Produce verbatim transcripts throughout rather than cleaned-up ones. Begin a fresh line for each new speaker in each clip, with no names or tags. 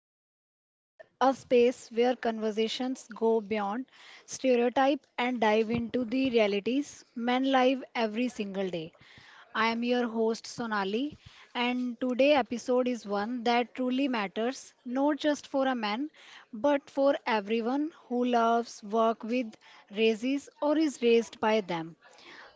space where a space where conversations go beyond stereotype and dive into the realities men live every single day. I am your host Sonali, and today episode is one that truly matters, not just for a man but for everyone who loves, work with, raises, or is raised by them.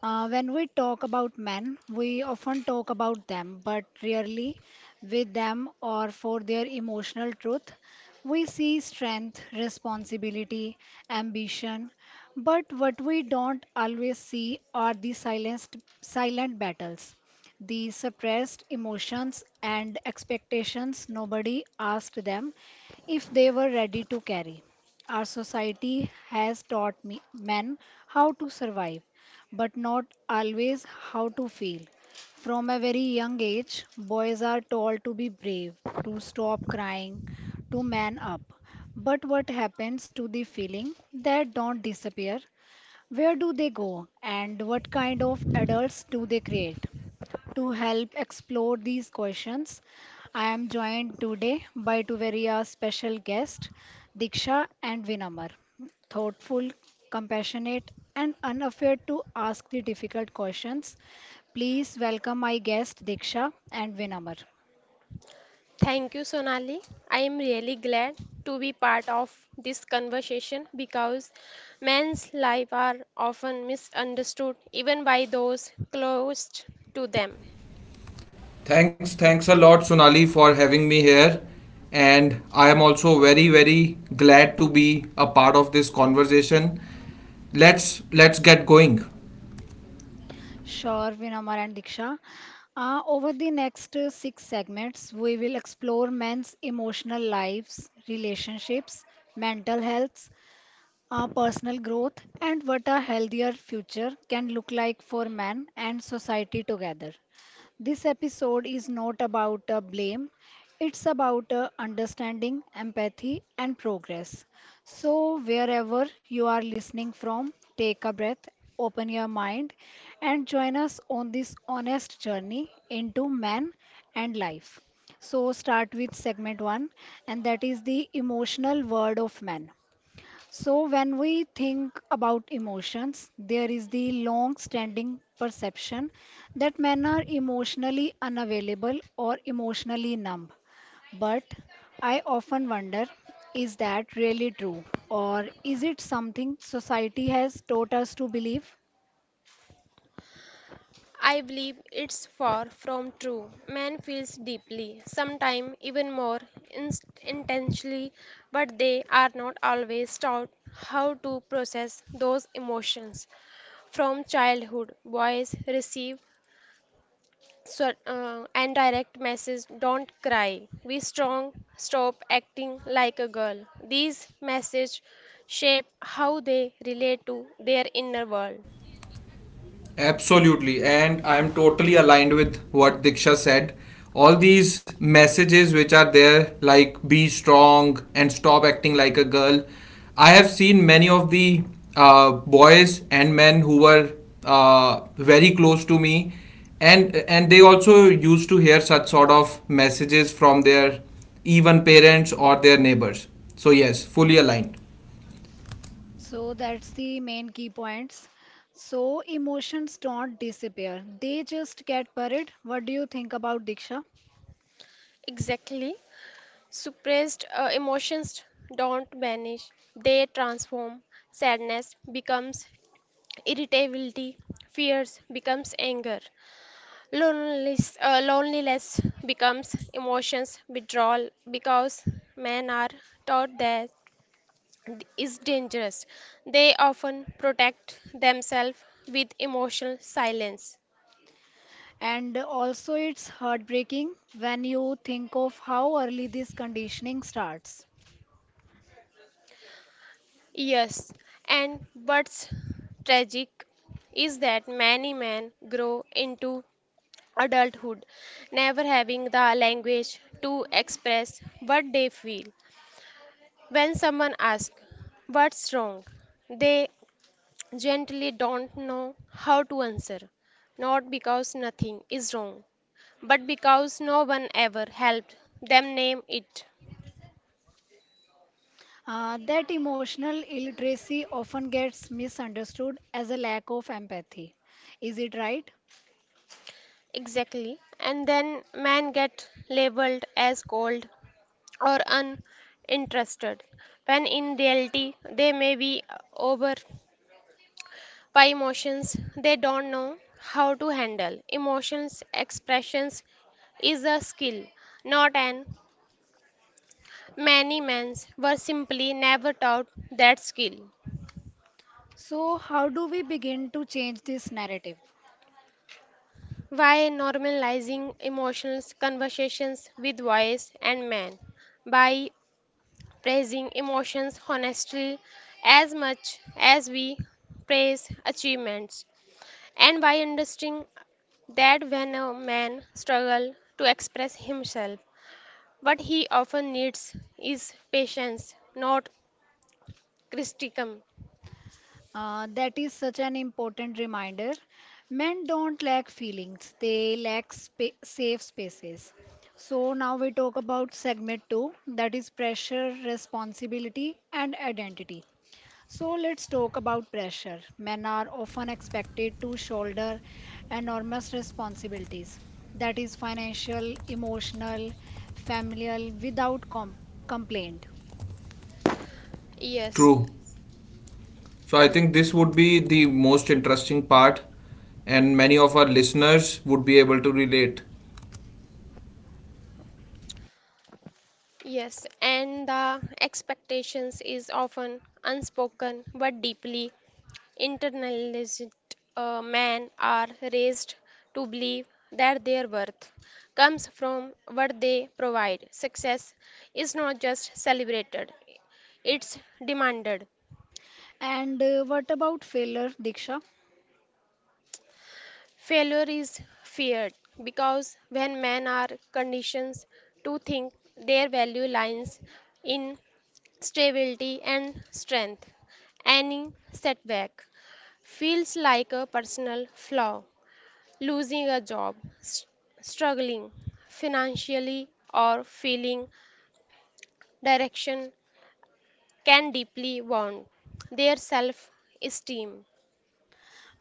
Uh, when we talk about men, we often talk about them, but rarely with them or for their emotional truth. We see strength, responsibility, ambition, but what we don't always see are the silenced, silent battles, the suppressed emotions and expectations nobody asked them if they were ready to carry. Our society has taught me, men how to survive but not always how to feel. From a very young age, boys are told to be brave, to stop crying, to man up. But what happens to the feeling that don't disappear? Where do they go? And what kind of adults do they create? To help explore these questions, I am joined today by two very uh, special guests, Diksha and Vinamar. Thoughtful, compassionate, and unafraid to ask the difficult questions. Please welcome my guest Diksha and Vinamar.
Thank you, Sonali. I am really glad to be part of this conversation because men's lives are often misunderstood even by those closest to them.
Thanks, thanks a lot, Sonali, for having me here. And I am also very, very glad to be a part of this conversation. Let's let's get going.
Sure, Vinamar and Diksha. Uh, over the next uh, six segments, we will explore men's emotional lives, relationships, mental health, our personal growth, and what a healthier future can look like for man and society together. This episode is not about uh, blame, it's about uh, understanding, empathy, and progress. So, wherever you are listening from, take a breath, open your mind, and join us on this honest journey into man and life. So, start with segment one, and that is the emotional world of man. So, when we think about emotions, there is the long standing perception that men are emotionally unavailable or emotionally numb. But I often wonder, is that really true? Or is it something society has taught us to believe?
I believe it's far from true. Man feels deeply, sometimes even more inst- intensely, but they are not always taught how to process those emotions. From childhood, boys receive So, uh, and direct message: don't cry, be strong, stop acting like a girl. These messages shape how they relate to their inner world.
Absolutely, and I'm totally aligned with what Diksha said. All these messages which are there, like be strong and stop acting like a girl. I have seen many of the uh, boys and men who were uh, very close to me, and and they also used to hear such sort of messages from their even parents or their neighbors. So yes, fully aligned.
So, that's the main key points. So, emotions don't disappear, they just get buried. What do you think about Diksha?
Exactly, suppressed uh, emotions don't vanish, they transform. Sadness becomes irritability, fears becomes anger, loneliness uh, loneliness becomes emotions withdrawal, because men are taught that is dangerous. They often protect themselves with emotional silence.
And also, it's heartbreaking when you think of how early this conditioning starts.
Yes, and what's tragic is that many men grow into adulthood never having the language to express what they feel. When someone asks, "What's wrong?" they gently don't know how to answer, not because nothing is wrong, but because no one ever helped them name it.
Uh, that emotional illiteracy often gets misunderstood as a lack of empathy. Is it right?
Exactly. And then men get labeled as cold or uninterested, when in reality they may be over by emotions they don't know how to handle. Emotions expressions is a skill, not an. Many men were simply never taught that skill.
So, how do we begin to change this narrative?
Why normalizing emotional conversations with voice and man? By praising emotions honestly as much as we praise achievements, and by understanding that when a man struggles to express himself, what he often needs is patience, not criticism.
Uh, that is such an important reminder. Men don't lack feelings, they lack spa- safe spaces. So, now we talk about segment two, that is pressure, responsibility, and identity. So let's talk about pressure. Men are often expected to shoulder enormous responsibilities, that is, financial, emotional, familial, without com- complaint.
Yes,
True. So I think this would be the most interesting part, and many of our listeners would be able to relate.
yes, and the expectations is often unspoken but deeply internalized. Uh, men are raised to believe that their worth comes from what they provide. Success is not just celebrated, it's demanded.
And uh, what about failure, Diksha?
Failure is feared because when men are conditioned to think their value lies in stability and strength, any setback feels like a personal flaw, losing a job, s- struggling financially, or feeling direction can deeply wound their self esteem.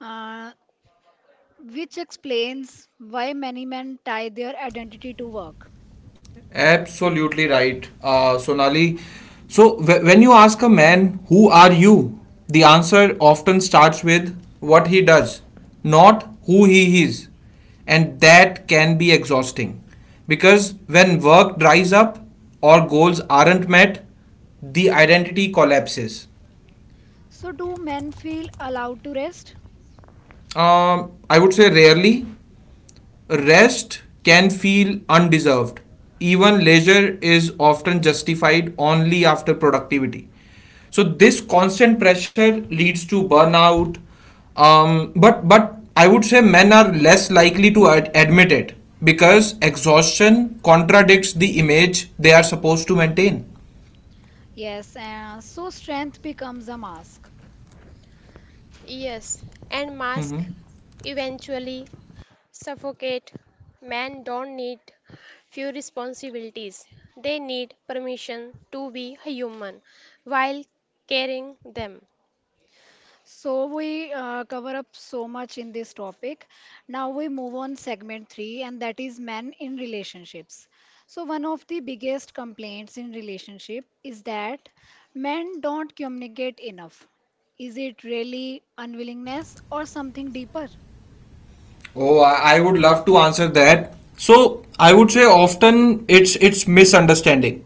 Uh, which explains why many men tie their identity to work.
Absolutely right, uh, Sonali. So w- when you ask a man, "Who are you?" The answer often starts with what he does, not who he is, and that can be exhausting because when work dries up or goals aren't met, the identity collapses.
So, do men feel allowed to rest?
Um, I would say rarely, rest can feel undeserved. Even leisure is often justified only after productivity. So this constant pressure leads to burnout. Um, but but I would say men are less likely to ad- admit it because exhaustion contradicts the image they are supposed to maintain.
Yes, uh, so strength becomes a mask.
Yes, and mask eventually suffocate. Men don't need few responsibilities, they need permission to be human while carrying them.
So we uh, cover up so much in this topic. Now we move on segment three, and that is men in relationships. So one of the biggest complaints in relationship is that men don't communicate enough. Is it really unwillingness or something deeper?
Oh, I I would love to answer that. So I would say often it's it's misunderstanding.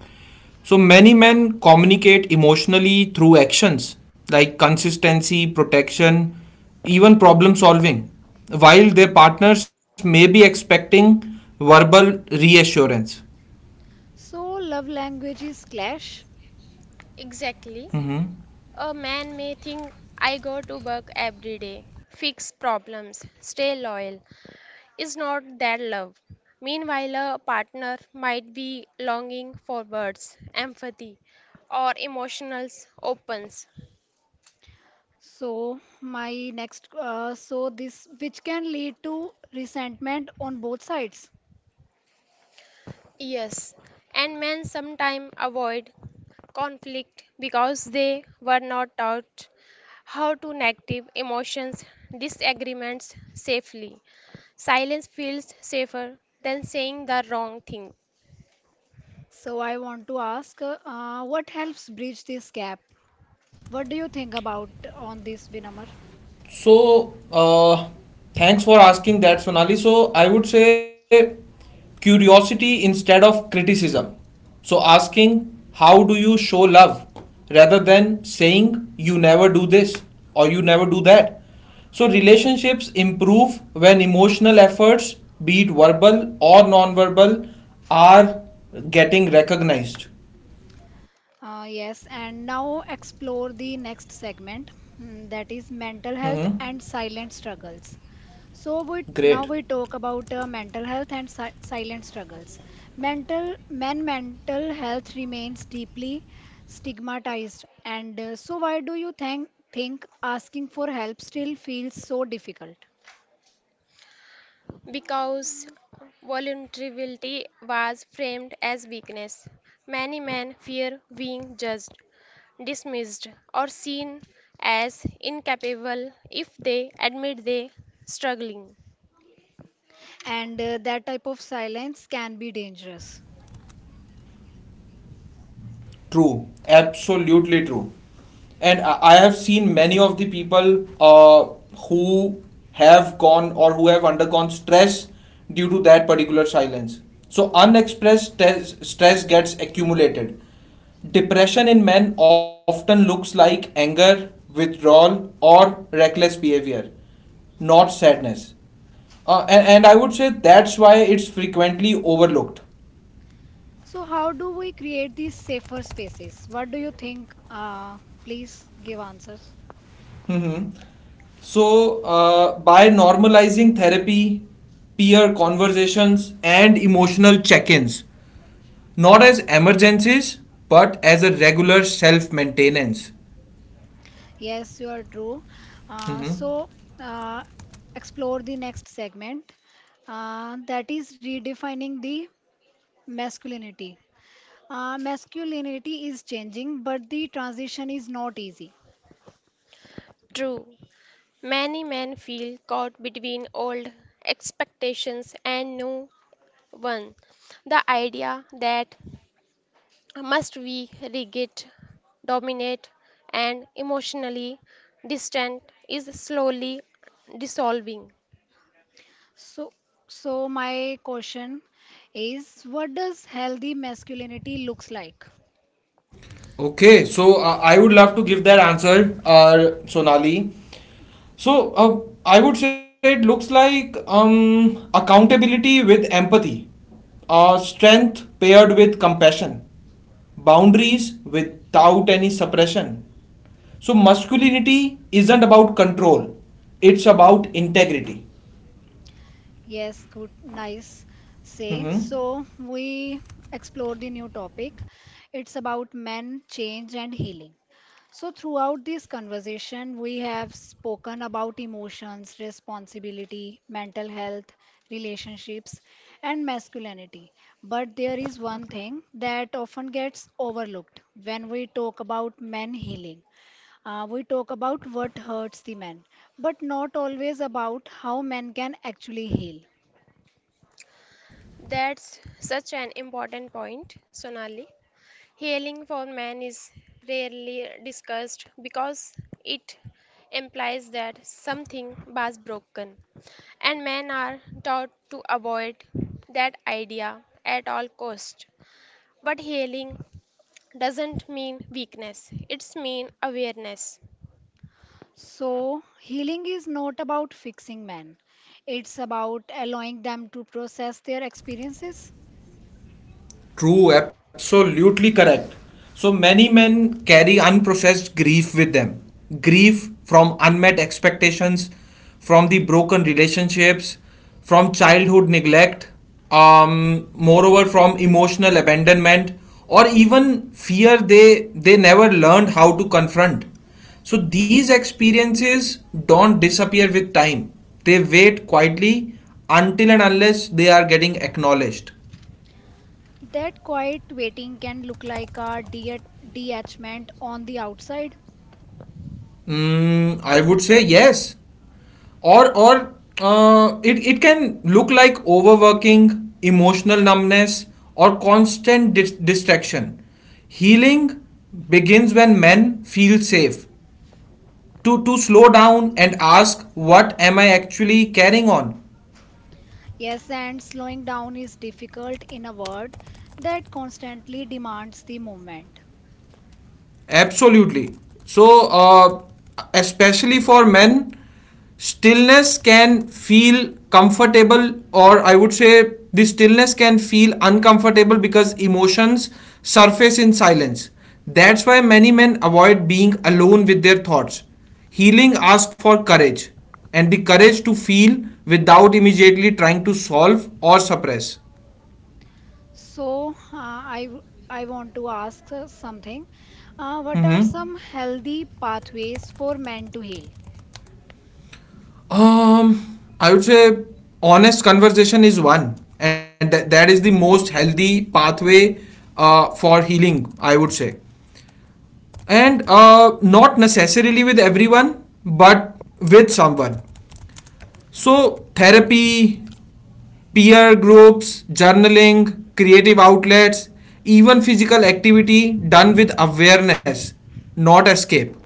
So many men communicate emotionally through actions like consistency, protection, even problem solving, while their partners may be expecting verbal reassurance.
So love languages clash.
Exactly. A man may think I go to work every day, fix problems, stay loyal. Is not that love? Meanwhile, a partner might be longing for words, empathy, or emotional opens.
So my next uh, so this which can lead to resentment on both sides.
Yes, and men sometimes avoid conflict because they were not taught how to negative emotions disagreements safely, silence feels safer than saying the wrong thing.
So I want to ask, uh, what helps bridge this gap? What do you think about on this, Vinamar?
So, uh, thanks for asking that, Sonali. So, I would say curiosity instead of criticism. So, asking how do you show love rather than saying you never do this or you never do that. So, relationships improve when emotional efforts, be it verbal or non verbal, are getting recognized.
Uh, yes, and now explore the next segment, mm, that is mental health and silent struggles. So we
Great.
now we talk about uh, mental health and si silent struggles. Mental men mental health remains deeply stigmatized, and uh, so why do you think think asking for help still feels so difficult?
Because vulnerability was framed as weakness, many men fear being judged, dismissed, or seen as incapable if they admit they struggling.
And uh, that type of silence can be dangerous.
True, absolutely true. And I I have seen many of the people uh, who have gone or who have undergone stress due to that particular silence. So, unexpressed stress, stress gets accumulated. Depression in men often looks like anger, withdrawal, or reckless behavior, not sadness. Uh, and, and I would say that's why it's frequently overlooked.
So, how do we create these safer spaces? What do you think? Uh, please give answers.
Mm-hmm. So, uh, by normalizing therapy, peer conversations, and emotional check ins, not as emergencies, but as a regular self maintenance.
Yes, you are true. Uh, so, uh, Explore the next segment uh, that is redefining the masculinity. Uh, masculinity is changing, but the transition is not easy.
True, many men feel caught between old expectations and new one. The idea that must be rigid, dominant, and emotionally distant is slowly dissolving.
So, so my question is, what does healthy masculinity looks like?
Okay, so uh, I would love to give that answer, uh, Sonali. So, uh, I would say it looks like um, accountability with empathy, uh, strength paired with compassion, boundaries without any suppression. So masculinity isn't about control, it's about integrity.
Yes, good, nice say.
Hmm?
So we explore the new topic. It's about men, change, and healing. So throughout this conversation, we have spoken about emotions, responsibility, mental health, relationships, and masculinity. But there is one thing that often gets overlooked when we talk about men healing. Uh, we talk about what hurts the men, but not always about how men can actually heal.
That's such an important point, Sonali. Healing for man is rarely discussed because it implies that something was broken, and men are taught to avoid that idea at all cost. But healing doesn't mean weakness; it's mean awareness.
So, healing is not about fixing men, it's about allowing them to process their experiences.
True, absolutely correct. So many men carry unprocessed grief with them. Grief from unmet expectations, from the broken relationships, from childhood neglect, um, moreover from emotional abandonment, or even fear they they never learned how to confront. So these experiences don't disappear with time. They wait quietly until and unless they are getting acknowledged.
That quiet waiting can look like a de- detachment on the outside.
Mm, I would say yes. Or or uh, it it can look like overworking, emotional numbness, or constant dis- distraction. Healing begins when men feel safe to to slow down and ask, "What am I actually carrying on?"
Yes, and slowing down is difficult in a world that constantly demands the movement.
Absolutely. So, uh, especially for men, stillness can feel comfortable, or I would say the stillness can feel uncomfortable because emotions surface in silence. That's why many men avoid being alone with their thoughts. Healing asks for courage and the courage to feel without immediately trying to solve or suppress.
So, uh, I, w- I want to ask uh, something. Uh, what are
Mhm.
some healthy pathways for men to heal?
Um, I would say honest conversation is one, and tha- that is the most healthy pathway uh, for healing, I would say. And uh, not necessarily with everyone, but with someone. So, therapy, peer groups, journaling, creative outlets, even physical activity done with awareness, not escape.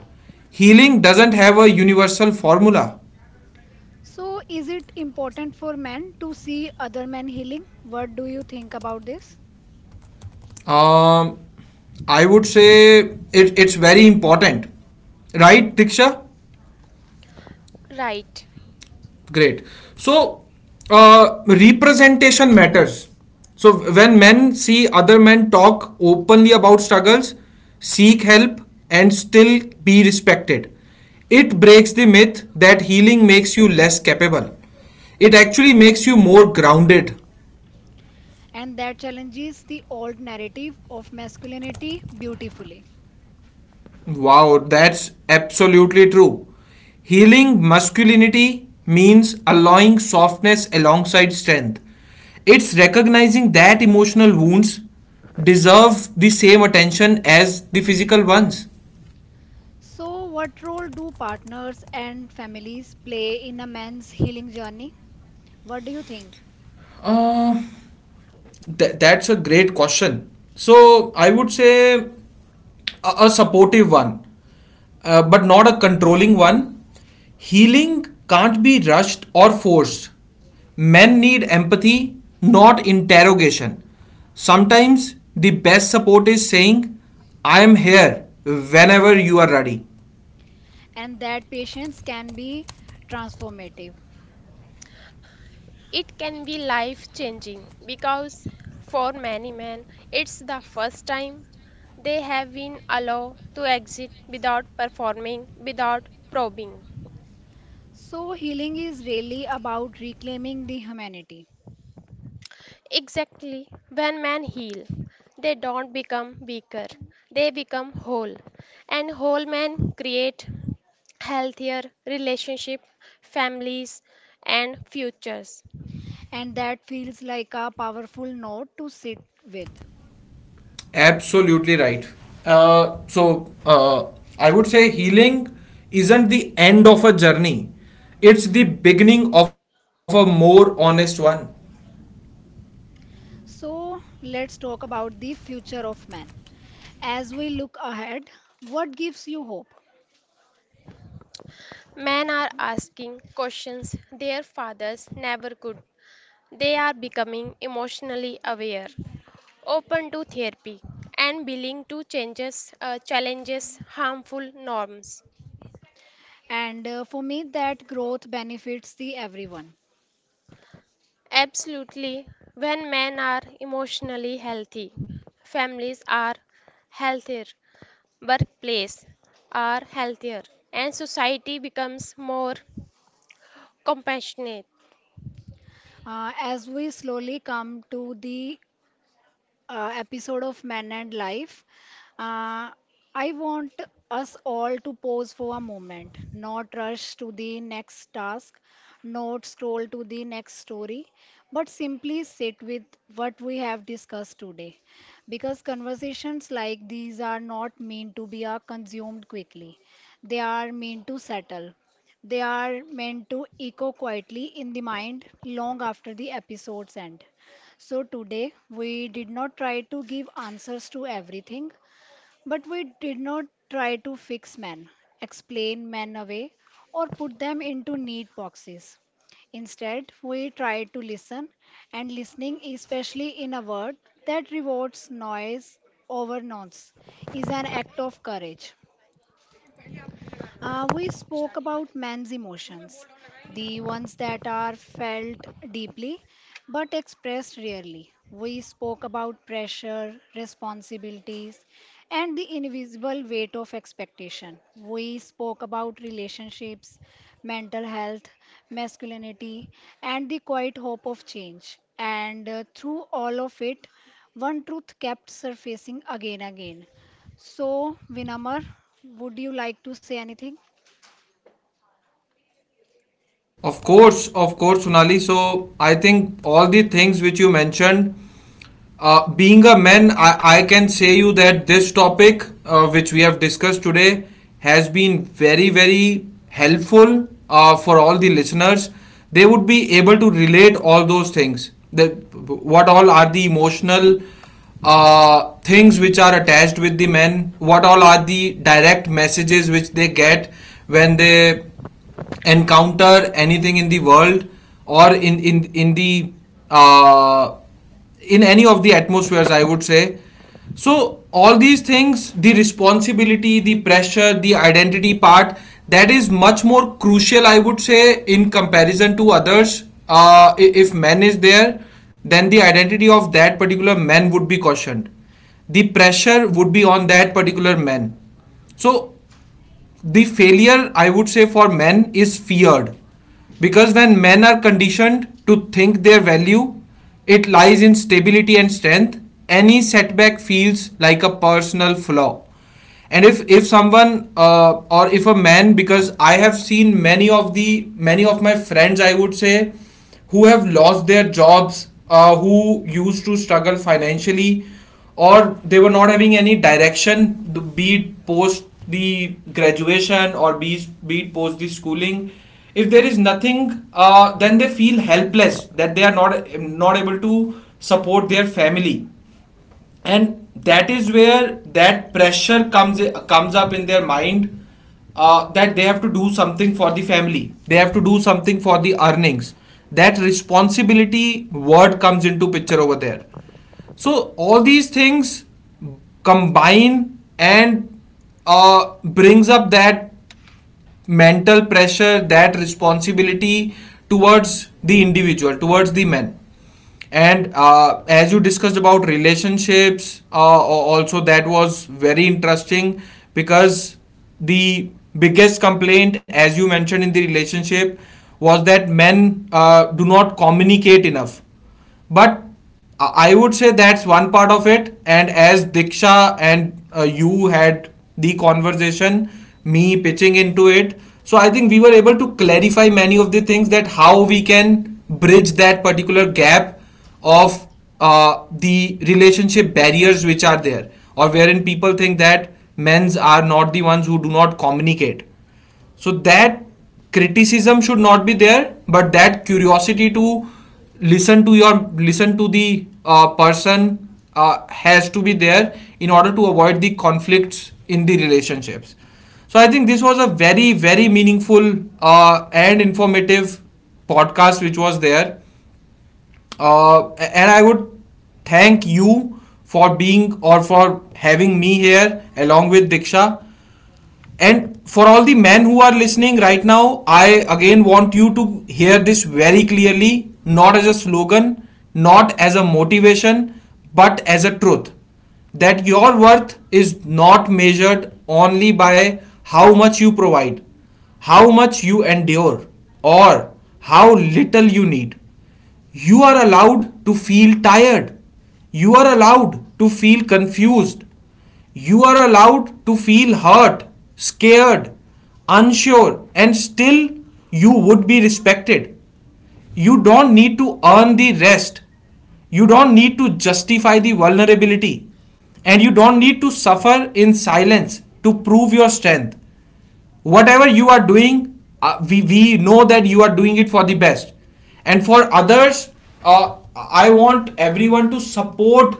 Healing doesn't have a universal formula.
So, is it important for men to see other men healing? What do you think about this?
Um, I would say it, it's very important, right, Diksha?
Right.
Great. So, uh, representation matters. So, when men see other men talk openly about struggles, seek help, and still be respected, it breaks the myth that healing makes you less capable. It actually makes you more grounded.
And that challenges the old narrative of masculinity beautifully.
Wow, that's absolutely true. Healing masculinity means allowing softness alongside strength. It's recognizing that emotional wounds deserve the same attention as the physical ones.
So, what role do partners and families play in a man's healing journey? What do you think?
Th- that's a great question. So I would say a, a supportive one, uh, but not a controlling one. Healing can't be rushed or forced. Men need empathy, not interrogation. Sometimes the best support is saying, I am here whenever you are ready.
And that patience can be transformative.
It can be life changing because for many men, it's the first time they have been allowed to exit without performing, without probing.
So, healing is really about reclaiming the humanity,
Exactly. When men heal, they don't become weaker, they become whole. And whole men create healthier relationship, families, and futures.
and that feels like a powerful note to sit with.
Absolutely right. Uh, so uh, I would say healing isn't the end of a journey; it's the beginning of a more honest one.
So let's talk about the future of man. As we look ahead, what gives you hope?
Men are asking questions their fathers never could. They are becoming emotionally aware, open to therapy, and willing to changes, uh, challenges harmful norms.
And uh, for me, that growth benefits the everyone.
Absolutely, when men are emotionally healthy, families are healthier, workplace are healthier, and society becomes more compassionate.
Uh, as we slowly come to the uh, episode of Man and Life. Uh, I want us all to pause for a moment, not rush to the next task, not scroll to the next story, but simply sit with what we have discussed today. Because conversations like these are not meant to be uh, consumed quickly, they are meant to settle. They are meant to echo quietly in the mind long after the episode's end. So today we did not try to give answers to everything, but we did not try to fix men, explain men away, or put them into neat boxes. Instead, we tried to listen, and listening, especially in a world that rewards noise over nonce, is an act of courage. Uh, we spoke about man's emotions, the ones that are felt deeply but expressed rarely. We spoke about pressure, responsibilities, and the invisible weight of expectation. We spoke about relationships, mental health, masculinity, and the quiet hope of change. And uh, through all of it, one truth kept surfacing again and again. So, Vinamar, would you like to say anything?
Of course, of course, Sonali. So I think all the things which you mentioned. Uh, being a man, I, I can say you that this topic, uh, which we have discussed today, has been very, very helpful uh, for all the listeners. They would be able to relate all those things. That what all are the emotional uh, things which are attached with the men? What all are the direct messages which they get when they encounter anything in the world or in in in the uh, in any of the atmospheres, I would say. So all these things, the responsibility, the pressure, the identity part, that is much more crucial, I would say, in comparison to others. uh, if man is there, then the identity of that particular man would be questioned, the pressure would be on that particular man. So the failure, I would say, for men is feared because when men are conditioned to think their value, it lies in stability and strength, any setback feels like a personal flaw. And if if someone, uh, or if a man, because I have seen many of the many of my friends, I would say, who have lost their jobs, uh, who used to struggle financially, or they were not having any direction, be it post the graduation or be, be it post the schooling. If there is nothing, uh, then they feel helpless that they are not not able to support their family, and that is where that pressure comes comes up in their mind, uh, that they have to do something for the family, they have to do something for the earnings. That responsibility word comes into picture over there. So all these things combine and uh, brings up that mental pressure, that responsibility towards the individual, towards the men. And uh, as you discussed about relationships, uh, also that was very interesting because the biggest complaint, as you mentioned in the relationship, was that men uh, do not communicate enough. But uh, I would say that's one part of it. And as Diksha and uh, you had the conversation, me pitching into it, so I think we were able to clarify many of the things, that how we can bridge that particular gap of uh, the relationship barriers which are there, or wherein people think that men's are not the ones who do not communicate. So that criticism should not be there, but that curiosity to listen to your listen to the uh, person uh, has to be there in order to avoid the conflicts in the relationships. So I think this was a very very meaningful uh, and informative podcast which was there. uh, and I would thank you for being, or for having me here along with Diksha. And for all the men who are listening right now, I again want you to hear this very clearly, not as a slogan, not as a motivation, but as a truth. That your worth is not measured only by how much you provide, how much you endure, or how little you need. You are allowed to feel tired. You are allowed to feel confused. You are allowed to feel hurt, scared, unsure, and still you would be respected. You don't need to earn the rest. You don't need to justify the vulnerability. And you don't need to suffer in silence to prove your strength. Whatever you are doing, uh, we, we know that you are doing it for the best and for others. uh, I want everyone to support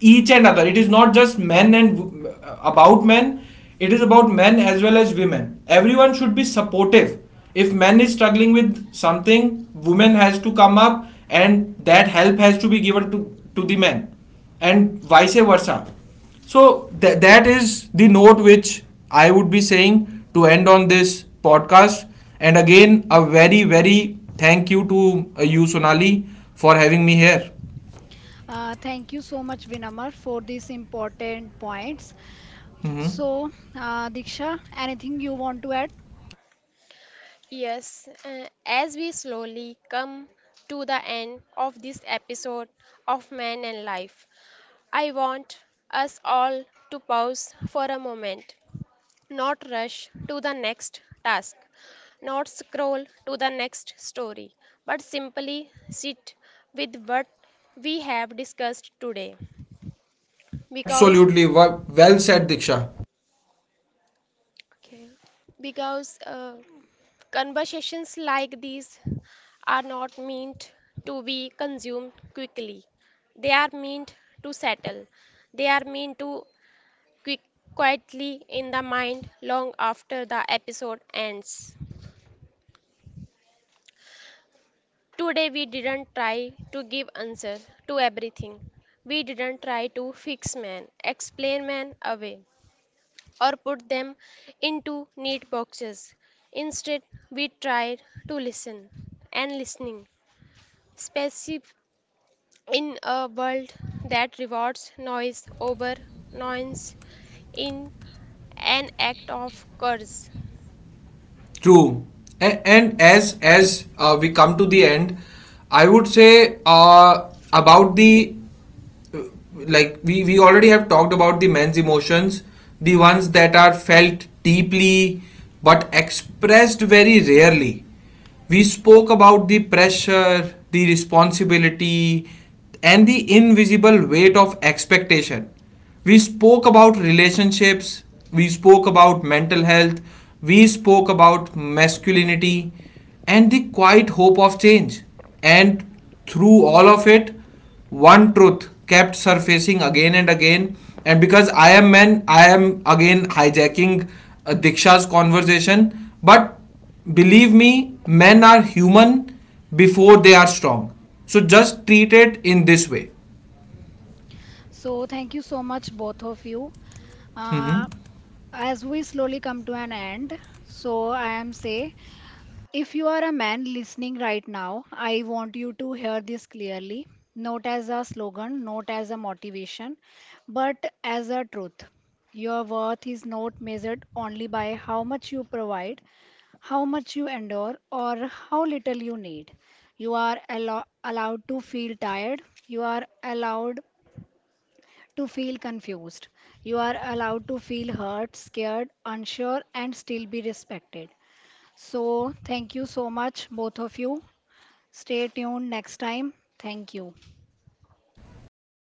each and other. It is not just men and about men, it is about men as well as women. Everyone should be supportive. If men is struggling with something, women has to come up and that help has to be given to to the men and vice versa. So th- that is the note which I would be saying to end on this podcast. And again, a very, very thank you to uh, you, Sonali, for having me here.
Uh, thank you so much, Vinamar, for these important points. So, uh, Diksha, anything you want to add?
Yes, uh, as we slowly come to the end of this episode of Man and Life, I want us all to pause for a moment, not rush to the next task, not scroll to the next story, but simply sit with what we have discussed today. Because,
Absolutely. Well said, Diksha.
okay, because uh, conversations like these are not meant to be consumed quickly. They are meant to settle. They are meant to quick, quietly in the mind long after the episode ends. Today we didn't try to give answer to everything. We didn't try to fix man, explain man away, or put them into neat boxes. Instead, we tried to listen and listening, especially in a world that rewards noise over nuance in an act of courage.
True. And, and as as uh, we come to the end, I would say uh, about the uh, like we we already have talked about the men's emotions, the ones that are felt deeply but expressed very rarely. We spoke about the pressure, the responsibility, and the invisible weight of expectation. We spoke about relationships, we spoke about mental health, we spoke about masculinity, and the quiet hope of change. And through all of it, one truth kept surfacing again and again. And because I am man, I am again hijacking uh, Diksha's conversation. But believe me, men are human before they are strong. So just treat it in this way.
So, thank you so much, both of you.
Mhm.
Uh, as we slowly come to an end, so I am say, if you are a man listening right now, I want you to hear this clearly, not as a slogan, not as a motivation, but as a truth. Your worth is not measured only by how much you provide, how much you endure or how little you need. You are allo- allowed to feel tired. You are allowed to feel confused. You are allowed to feel hurt, scared, unsure, and still be respected. So, thank you so much, both of you. Stay tuned next time. Thank you.
Thank